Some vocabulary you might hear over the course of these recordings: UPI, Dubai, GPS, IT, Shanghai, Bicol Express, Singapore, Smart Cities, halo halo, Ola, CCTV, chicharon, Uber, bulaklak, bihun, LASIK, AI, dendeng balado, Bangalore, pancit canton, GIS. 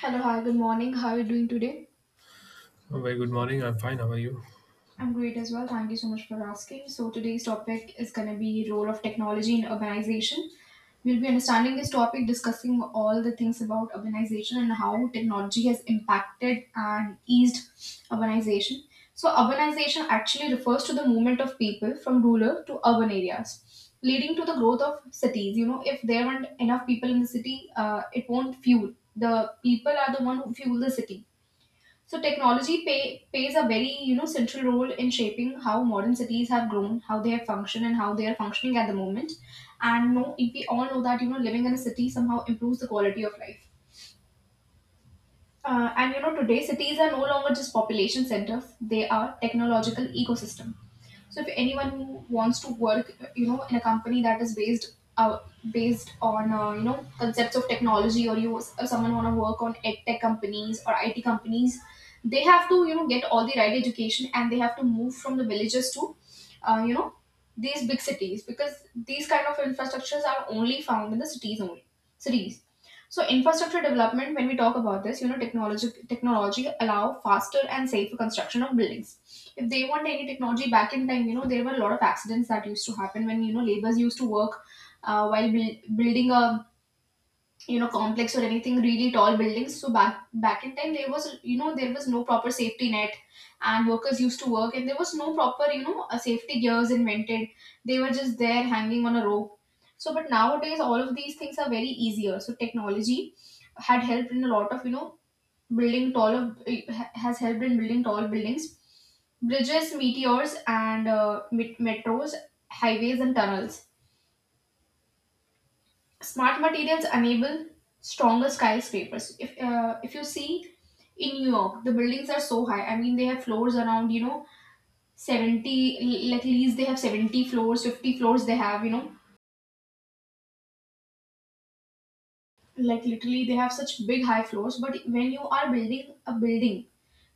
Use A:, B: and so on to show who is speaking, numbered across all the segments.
A: Hello, hi, good morning. How are you doing today?
B: Oh, very good morning. I'm fine. How are you?
A: I'm great as well. Thank you so much for asking. So today's topic is going to be role of technology in urbanization. We'll be understanding this topic, discussing all the things about urbanization and how technology has impacted and eased urbanization. So urbanization actually refers to the movement of people from rural to urban areas, leading to the growth of cities. You know, if there aren't enough people in the city, it won't fuel. The people are the one who fuel the city. So plays a very, you know, central role in shaping how modern cities have grown, how they have functioned, and how they are functioning at the moment. And no, we all know that, you know, living in a city somehow improves the quality of life. And, you know, today cities are no longer just population centers; they are technological ecosystem. So if anyone who wants to work, you know, in a company that is based based on, you know, concepts of technology, or you or someone want to work on ed tech companies or IT companies, they have to, you know, get all the right education and they have to move from the villages to uh, you know these big cities, because these kind of infrastructures are only found in the cities only cities. So infrastructure development, when we talk about this, you know, technology allow faster and safer construction of buildings. If they want any technology back in time, you know, there were a lot of accidents that used to happen when, you know, laborers used to work building a, you know, complex or anything really tall buildings. So back in time there was, you know, there was no proper safety net, and workers used to work and there was no proper, you know, safety gears invented. They were just there hanging on a rope. So, but nowadays all of these things are very easier. So technology had helped in a lot of, you know, building taller, has helped in building tall buildings, bridges, meteors, and metros, highways and tunnels. Smart materials enable stronger skyscrapers. If you see in New York, the buildings are so high. I mean, they have floors around, you know, 70. Like at least they have 70 floors, 50 floors. They have, you know, like literally they have such big high floors. But when you are building a building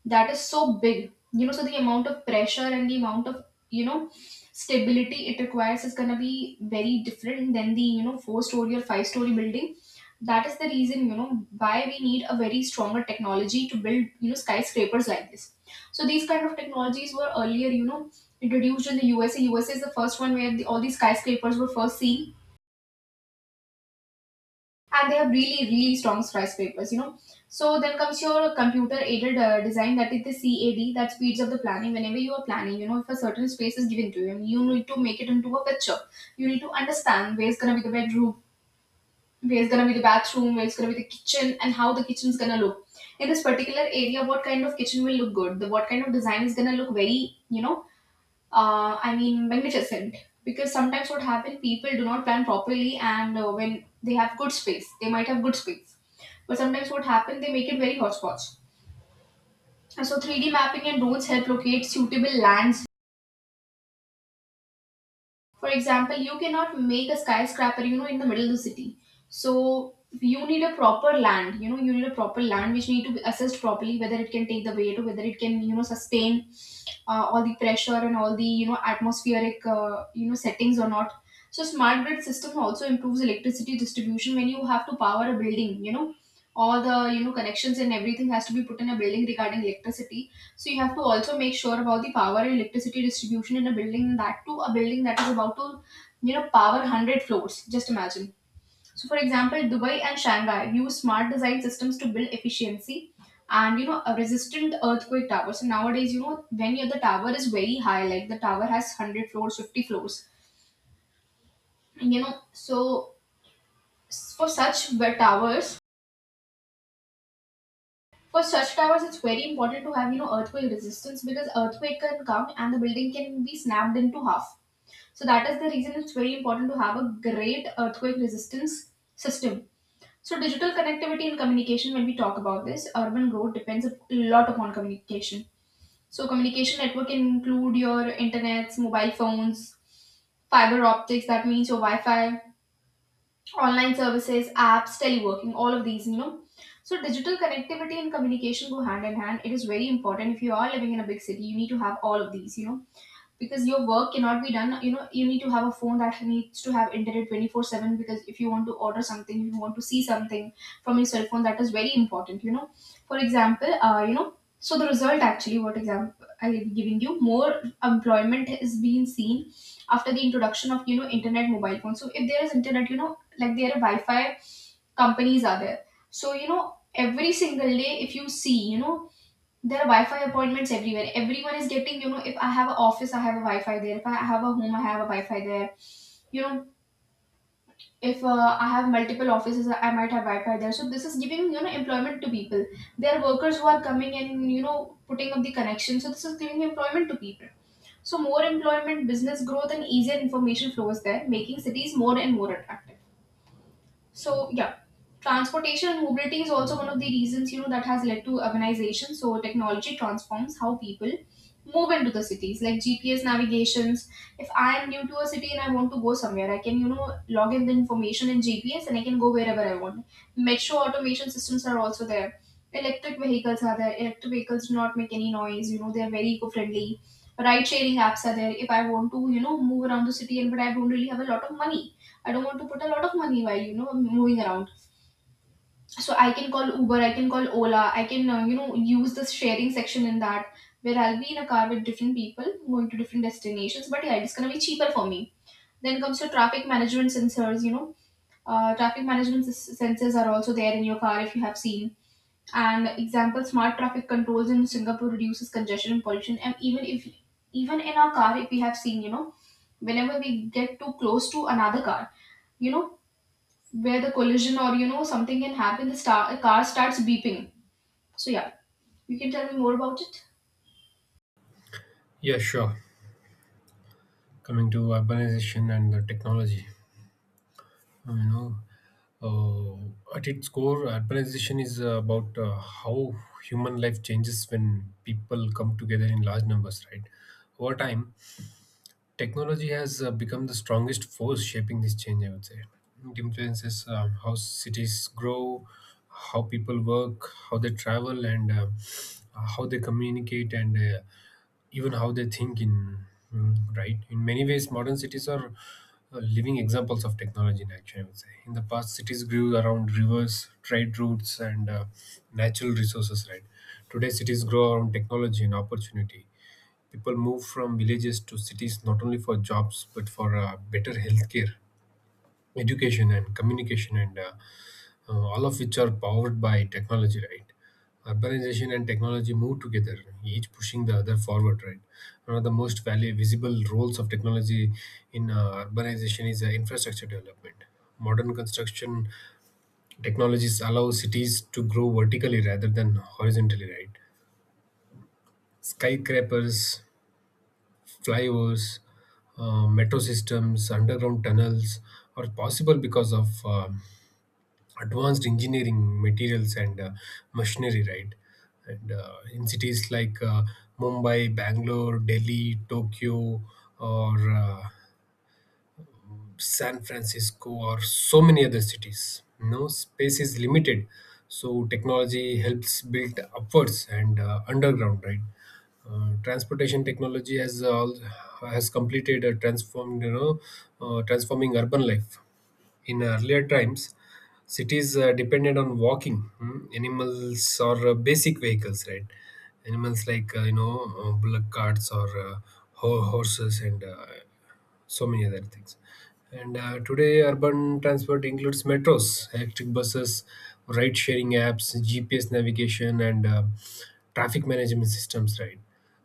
A: that is so big, you know, so the amount of pressure and the amount of, you know, stability it requires is going to be very different than the, you know, four story or five-story building. That is the reason, you know, why we need a very stronger technology to build, you know, skyscrapers like this. So these kind of technologies were earlier, you know, introduced in the USA. USA is the first one where the, all these skyscrapers were first seen, and they have really really strong skyscrapers, you know. So then comes your computer aided design, that is the CAD, that speeds up the planning. Whenever you are planning, you know, if a certain space is given to you and you need to make it into a picture, you need to understand where's gonna be the bedroom, where's gonna be the bathroom, where's gonna be the kitchen, and how the kitchen's gonna look. In this particular area, what kind of kitchen will look good, the what kind of design is gonna look very, you know, I mean magnificent. Because sometimes what happen, people do not plan properly, and when they have good space, they might have good space, but sometimes what happen they make it very hotspots. And so 3D mapping and drones help locate suitable lands. For example, you cannot make a skyscraper, you know, in the middle of the city. So you need a proper land, you know, you need a proper land which need to be assessed properly, whether it can take the weight, or whether it can, you know, sustain all the pressure and all the, you know, atmospheric, you know, settings or not. So smart grid system also improves electricity distribution. When you have to power a building, you know, all the, you know, connections and everything has to be put in a building regarding electricity. So you have to also make sure about the power and electricity distribution in a building, that too a building that is about to, you know, power 100 floors. Just imagine. So for example, Dubai and Shanghai use smart design systems to build efficiency and, you know, a resistant earthquake towers. So nowadays, you know, when your the tower is very high, like the tower has 100 floors, 50 floors, you know, so for such wet towers, for such towers, it's very important to have, you know, earthquake resistance, because earthquake can come and the building can be snapped into half. So that is the reason it's very important to have a great earthquake resistance system. So digital connectivity and communication, when we talk about this, urban growth depends a lot upon communication. So communication network can include your internets, mobile phones, fiber optics, that means your Wi-Fi, online services, apps, teleworking, all of these, you know. So digital connectivity and communication go hand in hand. It is very important. If you are living in a big city, you need to have all of these, you know, because your work cannot be done. You know, you need to have a phone that needs to have internet 24/7, because if you want to order something, if you want to see something from your cell phone, that is very important, you know. For example, so the result actually, what example I am giving you, more employment is being seen after the introduction of, you know, internet, mobile phone. So if there is internet, you know, like there are Wi-Fi companies are there. So, you know, every single day if you see, you know, there are Wi-Fi appointments everywhere. Everyone is getting, you know, if I have an office I have a Wi-Fi there. If I have a home I have a Wi-Fi there. You know, if I have multiple offices I might have Wi-Fi there. So this is giving, you know, employment to people. There are workers who are coming and, you know, putting up the connection. So this is giving employment to people. So more employment, business growth, and easier information flows there, making cities more and more attractive. So yeah, transportation and mobility is also one of the reasons, you know, that has led to urbanization. So technology transforms how people move into the cities, like GPS navigations. If I am new to a city and I want to go somewhere, I can, you know, log in the information in GPS and I can go wherever I want. Metro automation systems are also there. Electric vehicles are there. Electric vehicles do not make any noise. You know, they are very eco-friendly. Ride-sharing apps are there. If I want to, you know, move around the city and but I don't really have a lot of money. I don't want to put a lot of money while, you know, moving around. So I can call Uber, I can call Ola, I can, you know, use the sharing section in that, where I'll be in a car with different people going to different destinations. But yeah, it's gonna be cheaper for me. Then comes your traffic management sensors. You know, sensors are also there in your car if you have seen. And example, smart traffic controls in Singapore reduces congestion and pollution. And even in our car, if we have seen, you know, whenever we get too close to another car, you know, where the collision or, you know, something can happen, the star a car starts beeping. So yeah, you can tell me more about it.
B: Yeah, sure. Coming to urbanization and the technology, Um, you know, at its core, urbanization is about how human life changes when people come together in large numbers, right? Over time, technology has become the strongest force shaping this change, I would say. It influences how cities grow, how people work, how they travel, and how they communicate, and even how they think. Right, in many ways modern cities are living examples of technology in action, I would say. In the past, cities grew around rivers, trade routes, and natural resources, right? Today cities grow around technology and opportunity. People move from villages to cities not only for jobs but for better healthcare, education, and communication, and all of which are powered by technology, right? Urbanization and technology move together, each pushing the other forward, right? One of the most value visible roles of technology in urbanization is infrastructure development. Modern construction technologies allow cities to grow vertically rather than horizontally, right? Skyscrapers, flyovers, metro systems, underground tunnels are possible because of advanced engineering materials and machinery, right? And in cities like Mumbai, Bangalore, Delhi, Tokyo, or San Francisco, or so many other cities, no space is limited, so technology helps build upwards and underground. Right, transportation technology has all has completed a transformed transforming urban life. In earlier times, cities depended on walking, hmm, animals or basic vehicles. Right, animals like bullock carts or horses and so many other things. And today, urban transport includes metros, electric buses, ride sharing apps, GPS navigation, and traffic management systems, right?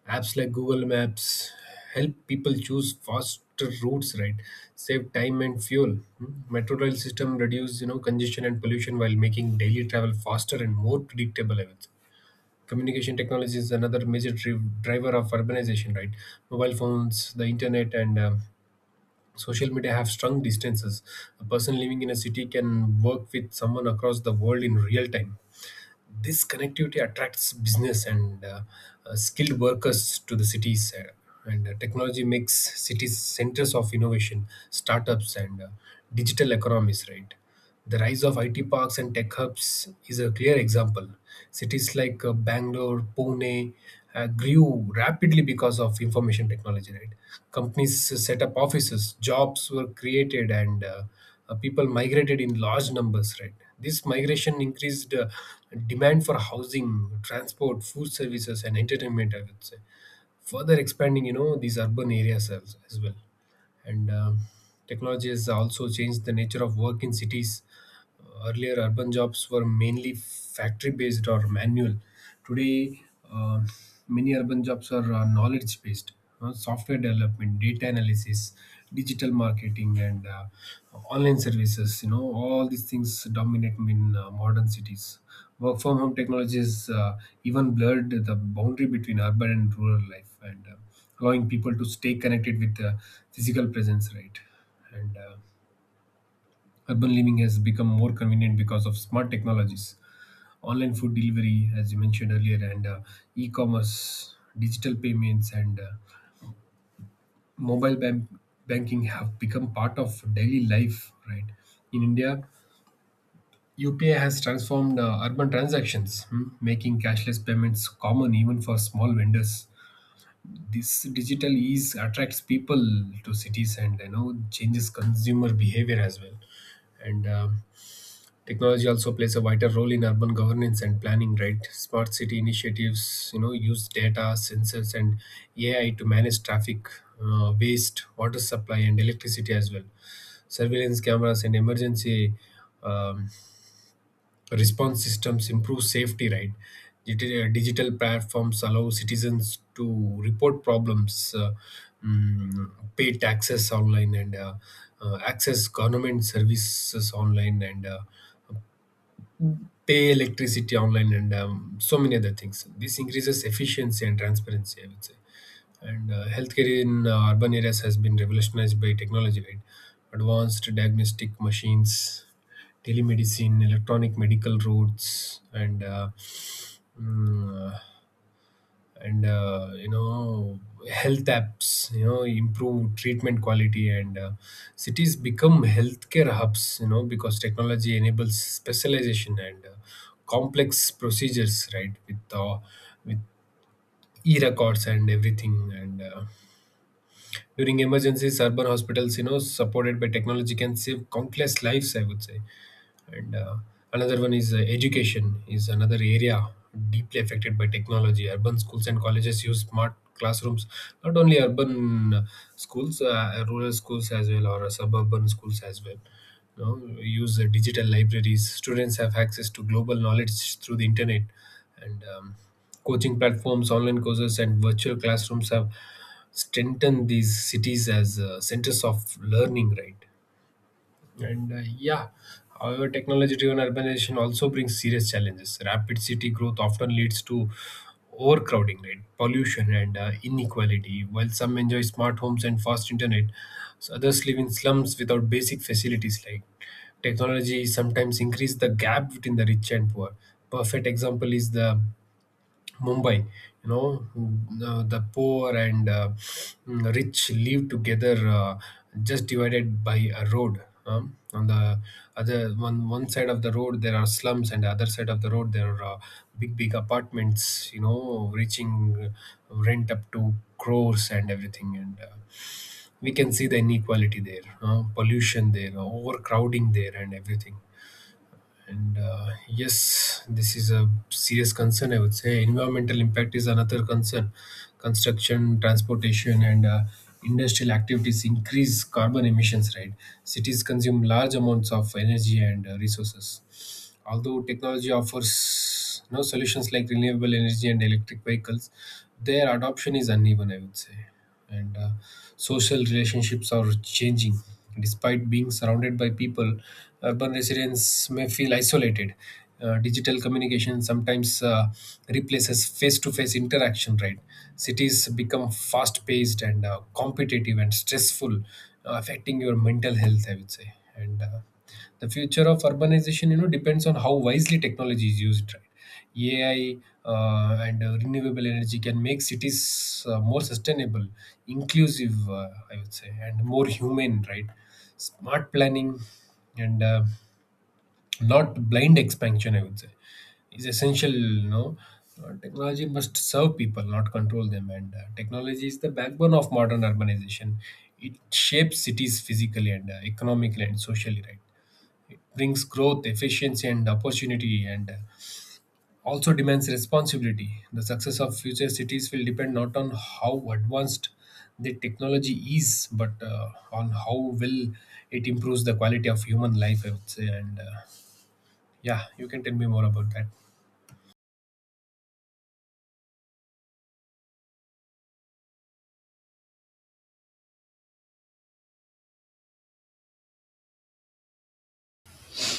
B: Apps like Google Maps help people choose faster routes, right? Save time and fuel. Mm. Metro rail system reduce, you know, congestion and pollution while making daily travel faster and more predictable, I would say. Communication technology is another major driver of urbanization, right? Mobile phones, the internet, and social media have strung distances. A person living in a city can work with someone across the world in real time. This connectivity attracts business and skilled workers to the cities, and technology makes cities centers of innovation, startups, and digital economies. Right, the rise of IT parks and tech hubs is a clear example. Cities like Bangalore, Pune grew rapidly because of information technology. Right, companies set up offices, jobs were created, and people migrated in large numbers, right? This migration increased demand for housing, transport, food services, and entertainment, I would say, further expanding, you know, these urban areas as well. And technology has also changed the nature of work in cities. Earlier, urban jobs were mainly factory-based or manual. Today, uh, many urban jobs are knowledge-based. Uh, software development, data analysis, digital marketing, and online services. You know, all these things dominate in modern cities. Work from home technologies even blurred the boundary between urban and rural life, and allowing people to stay connected with the physical presence, right? And Urban living has become more convenient because of smart technologies, online food delivery, as you mentioned earlier, and e-commerce, digital payments, and mobile banking have become part of daily life, right? In India, UPI has transformed urban transactions, hmm, making cashless payments common even for small vendors. This digital ease attracts people to cities and, you know, changes consumer behavior as well. And Technology also plays a vital role in urban governance and planning. Right, smart city initiatives, you know, use data, sensors, and AI to manage traffic, waste, water supply, and electricity as well. Surveillance cameras and emergency um, response systems improve safety, right? Digital platforms allow citizens to report problems, mm, pay taxes online, and access government services online, and pay electricity online, and so many other things. This increases efficiency and transparency, I would say. And healthcare in urban areas has been revolutionized by technology, right? Advanced diagnostic machines, telemedicine, electronic medical roads, Mm, and you know, health apps, you know, improve treatment quality, and cities become healthcare hubs, you know, because technology enables specialization and complex procedures, right, with e-records and everything. And during emergencies, urban hospitals, you know, supported by technology can save countless lives, I would say. And another one is Education is another area deeply affected by technology. Urban schools and colleges use smart classrooms. Not only urban schools, rural schools as well, or suburban schools as well, you know, we use digital libraries. Students have access to global knowledge through the internet, and coaching platforms, online courses, and virtual classrooms have strengthened these cities as centers of learning, right? And yeah, however, technology driven urbanization also brings serious challenges. Rapid city growth often leads to overcrowding, right? Pollution, and inequality. While some enjoy smart homes and fast internet, so others live in slums without basic facilities. Like, technology sometimes increase the gap between the rich and poor. Perfect example is the Mumbai, you know, the poor and rich live together, just divided by a road. On one side of the road there are slums, and the other side of the road there are big, big apartments. You know, reaching rent up to crores and everything, and we can see the inequality there, pollution there, overcrowding there, and everything. And yes, this is a serious concern, I would say. Environmental impact is another concern. Construction, transportation, and industrial activities increase carbon emissions, right? Cities consume large amounts of energy and resources. Although technology offers no solutions like renewable energy and electric vehicles, their adoption is uneven, I would say. And Social relationships are changing. Despite being surrounded by people, urban residents may feel isolated. Digital communication sometimes replaces face-to-face interaction. Right, cities become fast-paced and competitive and stressful, affecting your mental health, I would say. And the future of urbanization, you know, depends on how wisely technology is used, right? AI and renewable energy can make cities more sustainable, inclusive, I would say, and more human, right? Smart planning and not blind expansion, I would say, is essential, you know. Technology must serve people, not control them. And technology is the backbone of modern urbanization. It shapes cities physically and economically and socially, right? Brings growth, efficiency, and opportunity, and also demands responsibility. The success of future cities will depend not on how advanced the technology is, but on how well it improves the quality of human life, I would say. And yeah, you can tell me more about that.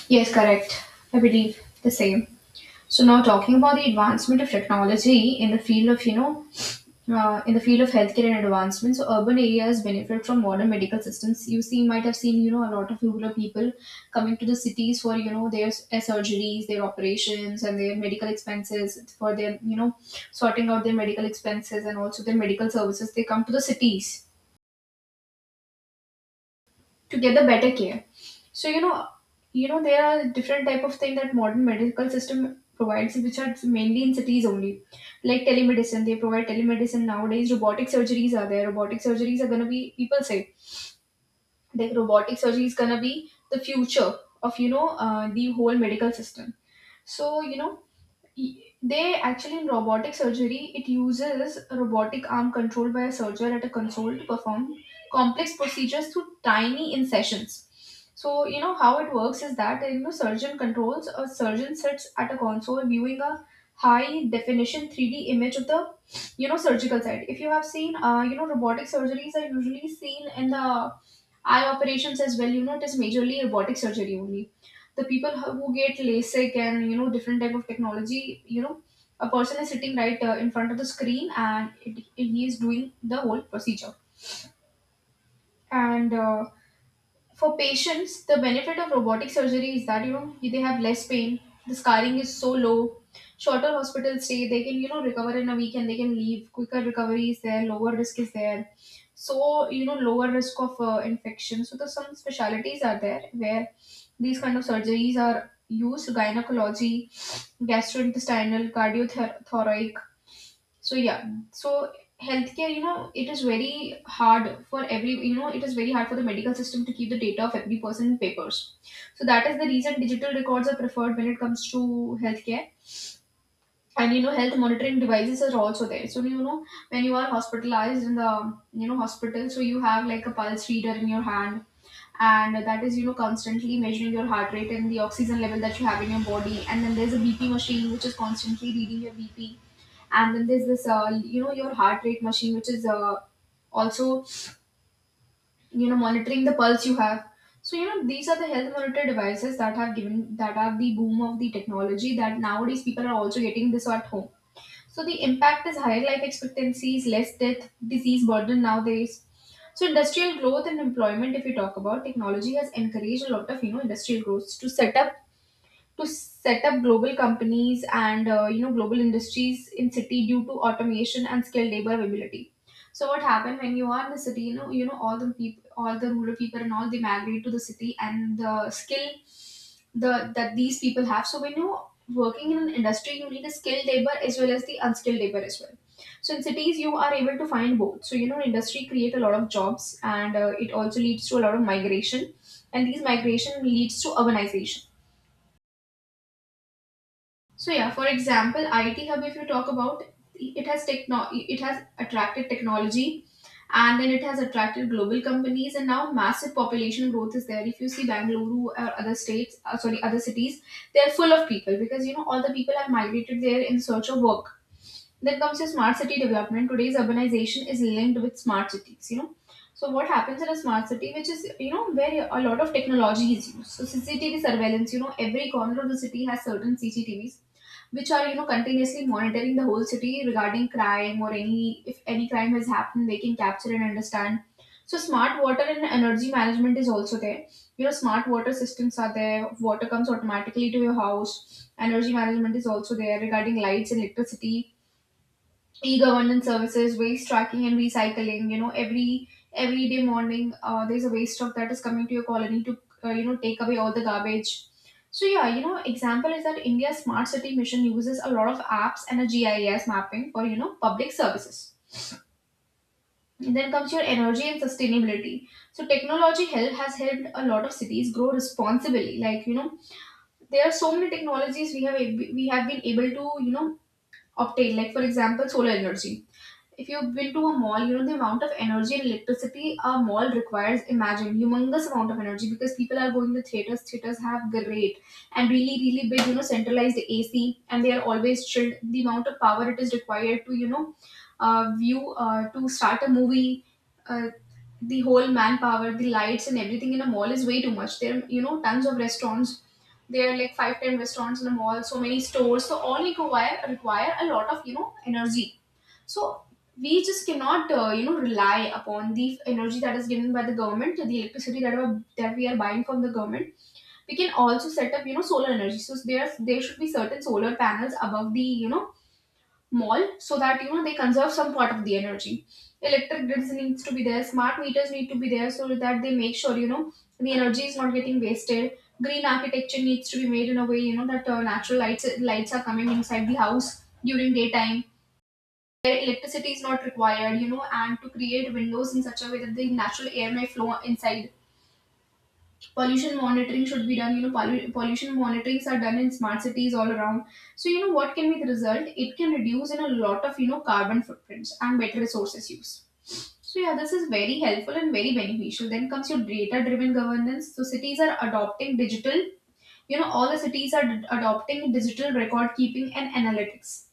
A: Yes, correct. I believe the same. So now talking about the advancement of technology in the field of, you know, in the field of healthcare and advancements, so urban areas benefit from modern medical systems. You see, might have seen, you know, a lot of rural people coming to the cities for, you know, their surgeries, their operations, and their medical expenses, for their, you know, sorting out their medical expenses, and also their medical services. They come to the cities to get the better care. So there are different type of thing that modern medical system provides, which are mainly in cities only, like telemedicine. They provide telemedicine nowadays. Robotic surgeries are there. Robotic surgeries are going to be, people say that robotic surgery is going to be the future of the whole medical system. So they actually, in robotic surgery, it uses a robotic arm controlled by a surgeon at a console to perform complex procedures through tiny incisions. So how it works is that surgeon controls, a surgeon sits at a console viewing a high definition 3D image of the surgical site. If you have seen, robotic surgeries are usually seen in the eye operations as well. It is majorly robotic surgery only, the people who get LASIK and different type of technology, a person is sitting right in front of the screen and he is doing the whole procedure. And for patients, the benefit of robotic surgery is that they have less pain. The scarring is so low, shorter hospital stay. They can recover in a week and they can leave. Quicker recovery is there. Lower risk is there. So lower risk of infection. So there's some specialities are there where these kind of surgeries are used: gynecology, gastrointestinal, cardiothoracic. So yeah. So healthcare, it is very hard for every, it is very hard for the medical system to keep the data of every person in papers. So that is the reason digital records are preferred when it comes to healthcare. And health monitoring devices are also there. So when you are hospitalized in the hospital so you have like a pulse reader in your hand, and that is constantly measuring your heart rate and the oxygen level that you have in your body. And then there's a BP machine which is constantly reading your BP. And then there's this your heart rate machine which is also monitoring the pulse you have. So these are the health monitor devices that have given, that are the boom of the technology, that nowadays people are also getting this at home. So the impact is higher life expectancies, less death, disease burden nowadays. So industrial growth and employment, if we talk about, technology has encouraged a lot of industrial growth to set up global companies and global industries in city due to automation and skilled labor availability. So what happened, when you are in the city, all the people, all the rural people and all, they migrate to the city. And the skill, the that these people have. So when you, working in an industry, you need a skilled labor as well as the unskilled labor as well. So in cities you are able to find both. So industry create a lot of jobs, and it also leads to a lot of migration. And these migration leads to urbanization. So yeah, for example, IT Hub, if you talk about, it has attracted technology, and then it has attracted global companies, and now massive population growth is there. If you see Bangalore or other states, sorry, other cities, they're full of people because all the people have migrated there in search of work. Then comes your smart city development. Today's urbanization is linked with smart cities. So what happens in a smart city, which is where a lot of technology is used. So CCTV surveillance. Every corner of the city has certain CCTVs which are continuously monitoring the whole city regarding crime, or any if any crime has happened they can capture and understand. So smart water and energy management is also there. Smart water systems are there, water comes automatically to your house. Energy management is also there regarding lights and electricity, e-governance services, waste tracking and recycling. Every day morning, there's a waste truck that is coming to your colony to take away all the garbage. So yeah, example is that India's smart city mission uses a lot of apps and a GIS mapping for public services. And then comes your energy and sustainability. So technology help has helped a lot of cities grow responsibly. Like, there are so many technologies we have we have been able to obtain. Like, for example, solar energy. If you've been to a mall, you know the amount of energy and electricity a mall requires. Imagine humongous amount of energy because people are going to theaters. Theaters have great and really really big centralized AC, and they are always chilled. The amount of power it is required to view to start a movie. Uh, the whole manpower, the lights and everything in a mall is way too much. There are, tons of restaurants. There are like five, ten restaurants in a mall, so many stores. So all require a lot of, energy. So we just cannot, rely upon the energy that is given by the government, the electricity that we are buying from the government. We can also set up, solar energy. So there should be certain solar panels above the, mall, so that they conserve some part of the energy. Electric grids needs to be there. Smart meters need to be there so that they make sure the energy is not getting wasted. Green architecture needs to be made in a way that natural lights are coming inside the house during daytime where electricity is not required, and to create windows in such a way that the natural air may flow inside. Pollution monitoring should be done, pollution monitorings are done in smart cities all around. So, what can be the result? It can reduce in a lot of, carbon footprints and better resources use. So, yeah, this is very helpful and very beneficial. Then comes your data driven governance. So, cities are adopting digital, all the cities are adopting digital record keeping and analytics,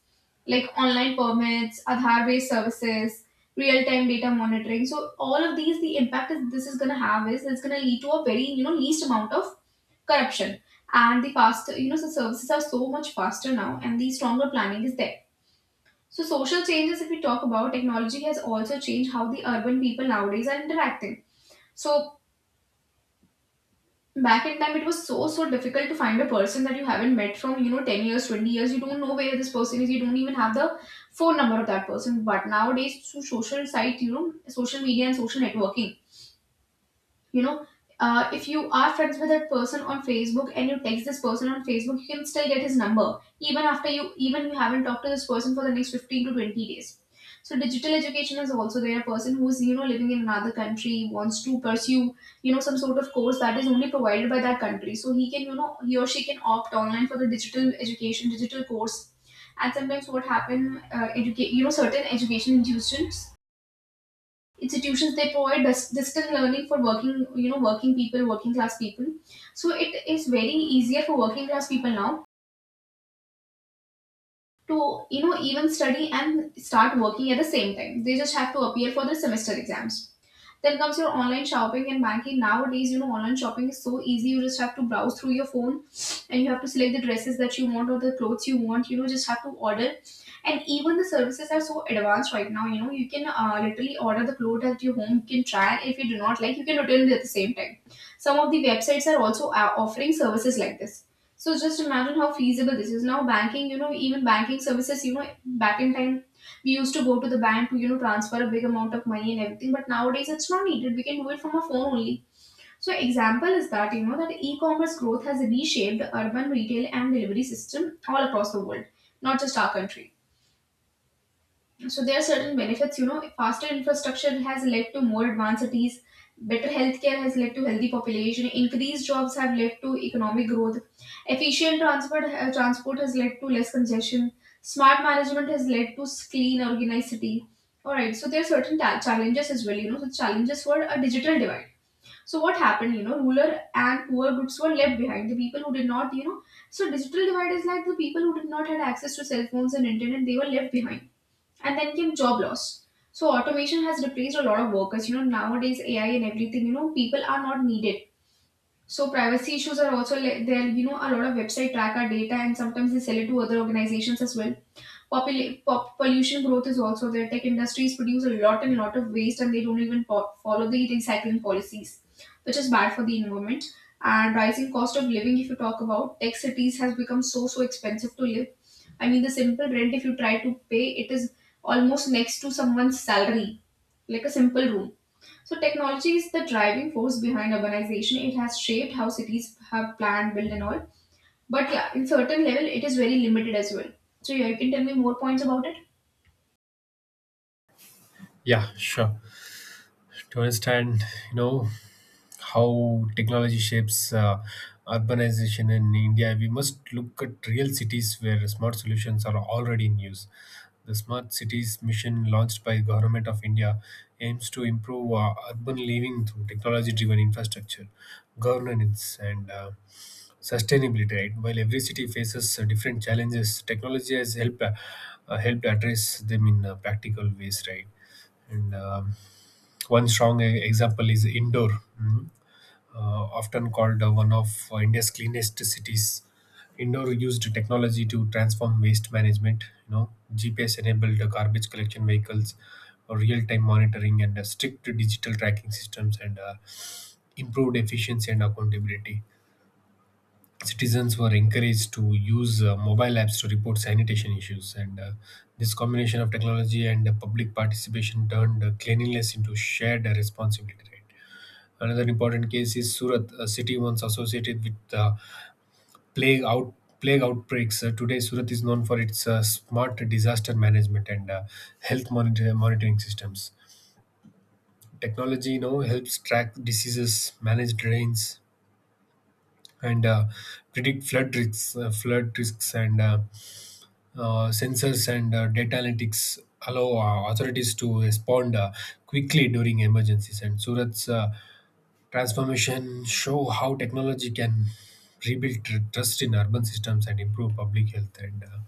A: like online permits, Aadhaar-based services, real-time data monitoring. So all of these, the impact is this is going to have is it's going to lead to a very least amount of corruption, and the faster, the services are so much faster now, and the stronger planning is there. So social changes, if we talk about, technology has also changed how the urban people nowadays are interacting. So back in time it was so so difficult to find a person that you haven't met from, 10 years, 20 years. You don't know where this person is, you don't even have the phone number of that person. But nowadays through social site, social media and social networking, you know if you are friends with that person on Facebook and you text this person on Facebook, you can still get his number, even after you, even you haven't talked to this person for the next 15 to 20 days. So digital education is also there. A person who is living in another country wants to pursue some sort of course that is only provided by that country. So he or she can opt online for the digital education, digital course. And sometimes what happen, educate you know certain education institutions they provide distance learning for working you know working people, working class people. So it is very easier for working class people now to even study and start working at the same time. They just have to appear for the semester exams. Then comes your online shopping and banking. Nowadays, online shopping is so easy. You just have to browse through your phone and you have to select the dresses that you want or the clothes you want. Just have to order. And even the services are so advanced right now. You can literally order the clothes at your home. You can try. If you do not like, you can return it at the same time. Some of the websites are also offering services like this. So just imagine how feasible this is. Now banking, even banking services, back in time we used to go to the bank to transfer a big amount of money and everything. But nowadays it's not needed, we can do it from our phone only. So example is that that e-commerce growth has reshaped the urban retail and delivery system all across the world, not just our country. So there are certain benefits, faster infrastructure has led to more advanced cities, better healthcare has led to healthy population, increased jobs have led to economic growth, efficient transport has led to less congestion, smart management has led to clean, organized city. All right, so there are certain challenges as well, the challenges were a digital divide. So what happened, rural and poor groups were left behind. The people who did not, so digital divide is like the people who did not had access to cell phones and internet, they were left behind. And then came job loss. So automation has replaced a lot of workers. Nowadays AI and everything, people are not needed. So privacy issues are also there. A lot of website track our data, and sometimes they sell it to other organizations as well. Pollution growth is also there. Tech industries produce a lot and lot of waste, and they don't even follow the recycling policies, which is bad for the environment. And rising cost of living, if you talk about tech cities, has become so so expensive to live. I mean, the simple rent if you try to pay, it is almost next to someone's salary, like a simple room. So technology is the driving force behind urbanization. It has shaped how cities have planned, built, and all. But yeah, in certain level, it is very limited as well. So yeah, you can tell me more points about it.
B: Yeah, sure. To understand, you know, how technology shapes urbanization in India, we must look at real cities where smart solutions are already in use. The Smart Cities mission launched by Government of India aims to improve urban living through technology-driven infrastructure, governance, and sustainability. Right? While every city faces different challenges, technology has helped helped address them in practical ways. Right? And One strong example is Indore. Mhm. uh, Often called one of India's cleanest cities. Indore used technology to transform waste management. You know, GPS-enabled garbage collection vehicles, real-time monitoring, and strict digital tracking systems, and improved efficiency and accountability. Citizens were encouraged to use mobile apps to report sanitation issues, and this combination of technology and public participation turned cleanliness into shared responsibility. Right? Another important case is Surat, a city once associated with plague out plague outbreaks. Today, Surat is known for its smart disaster management and health monitoring systems. Technology now helps track diseases, manage drains, and predict flood risks. Flood risks and Sensors and data analytics allow authorities to respond quickly during emergencies. And Surat's transformation show how technology can rebuild trust in urban systems and improve public health. And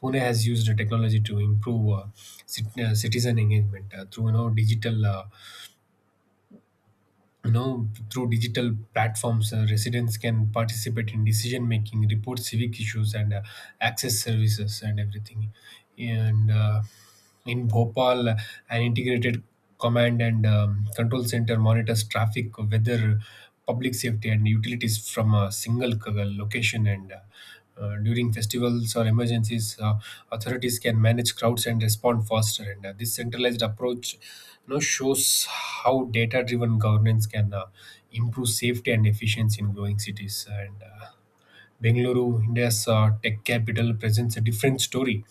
B: Pune has used the technology to improve citizen engagement through, you know, digital, through digital platforms. Residents can participate in decision making, report civic issues, and access services and everything. And In Bhopal, an integrated command and control center monitors traffic, weather, public safety, and utilities from a single location. And During festivals or emergencies, authorities can manage crowds and respond faster. And This centralized approach, you know, shows how data-driven governance can improve safety and efficiency in growing cities. And Bengaluru, India's tech capital, presents a different story.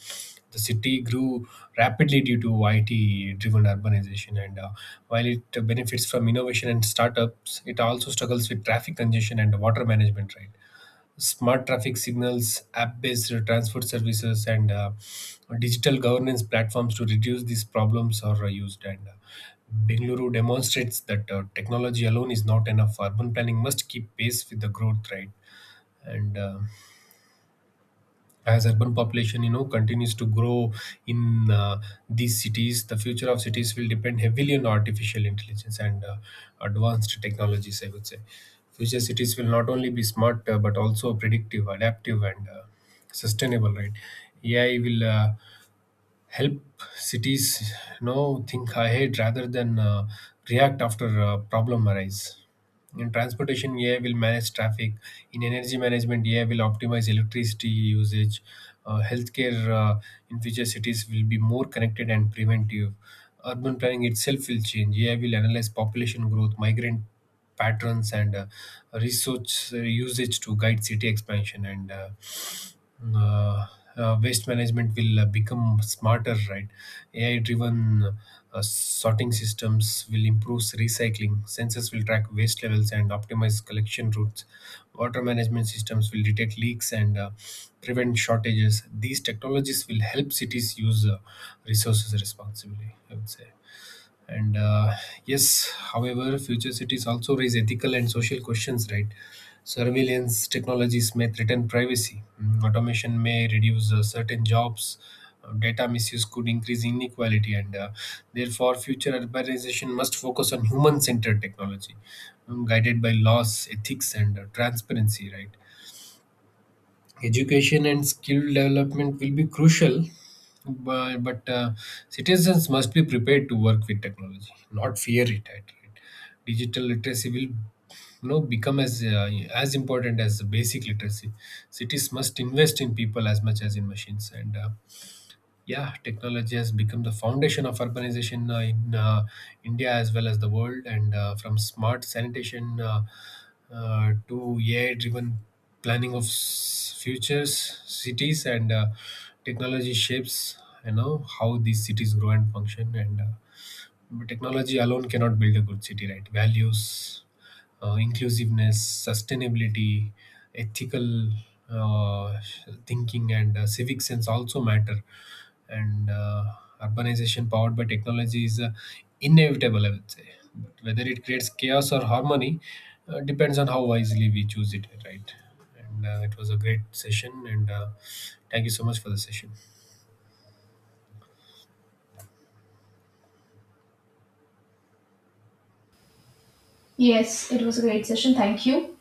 B: The city grew rapidly due to IT-driven urbanization, and while it benefits from innovation and startups, it also struggles with traffic congestion and water management. Right, smart traffic signals, app-based transport services, and digital governance platforms to reduce these problems are used. And Bengaluru demonstrates that technology alone is not enough. Urban planning must keep pace with the growth. Right, and as urban population, you know, continues to grow in these cities, the future of cities will depend heavily on artificial intelligence and advanced technologies, I would say. Future cities will not only be smart but also predictive, adaptive, and sustainable, right? AI will help cities, you know, think ahead rather than react after a problem arise. In transportation, AI will manage traffic. In energy management, AI will optimize electricity usage. Uh, healthcare in future cities will be more connected and preventive. Urban planning itself will change. AI will analyze population growth, migrant patterns, and resource usage to guide city expansion, and uh, waste management will become smarter, right? AI driven sorting systems will improve recycling, sensors will track waste levels and optimize collection routes, water management systems will detect leaks and prevent shortages. These technologies will help cities use resources responsibly, I would say. And Yes, however, future cities also raise ethical and social questions, right? Surveillance technologies may threaten privacy. Mm. Automation may reduce certain jobs. Data misuse could increase inequality, and therefore, future urbanization must focus on human centered technology, mm, guided by laws, ethics, and transparency, right? Education and skill development will be crucial, but citizens must be prepared to work with technology, not fear it at it. Digital literacy will, you know, become as important as the basic literacy. Cities must invest in people as much as in machines, and yeah, technology has become the foundation of urbanization in India as well as the world. And From smart sanitation, to AI-driven planning of futures cities, and technology shapes, you know, how these cities grow and function. And But technology alone cannot build a good city, right? Values, inclusiveness, sustainability, ethical uh, thinking, and civic sense also matter. And Urbanization powered by technology is inevitable, I would say. But whether it creates chaos or harmony depends on how wisely we choose it, right? And It was a great session, and thank you so much for the session.
A: Yes, it was a great session. Thank you.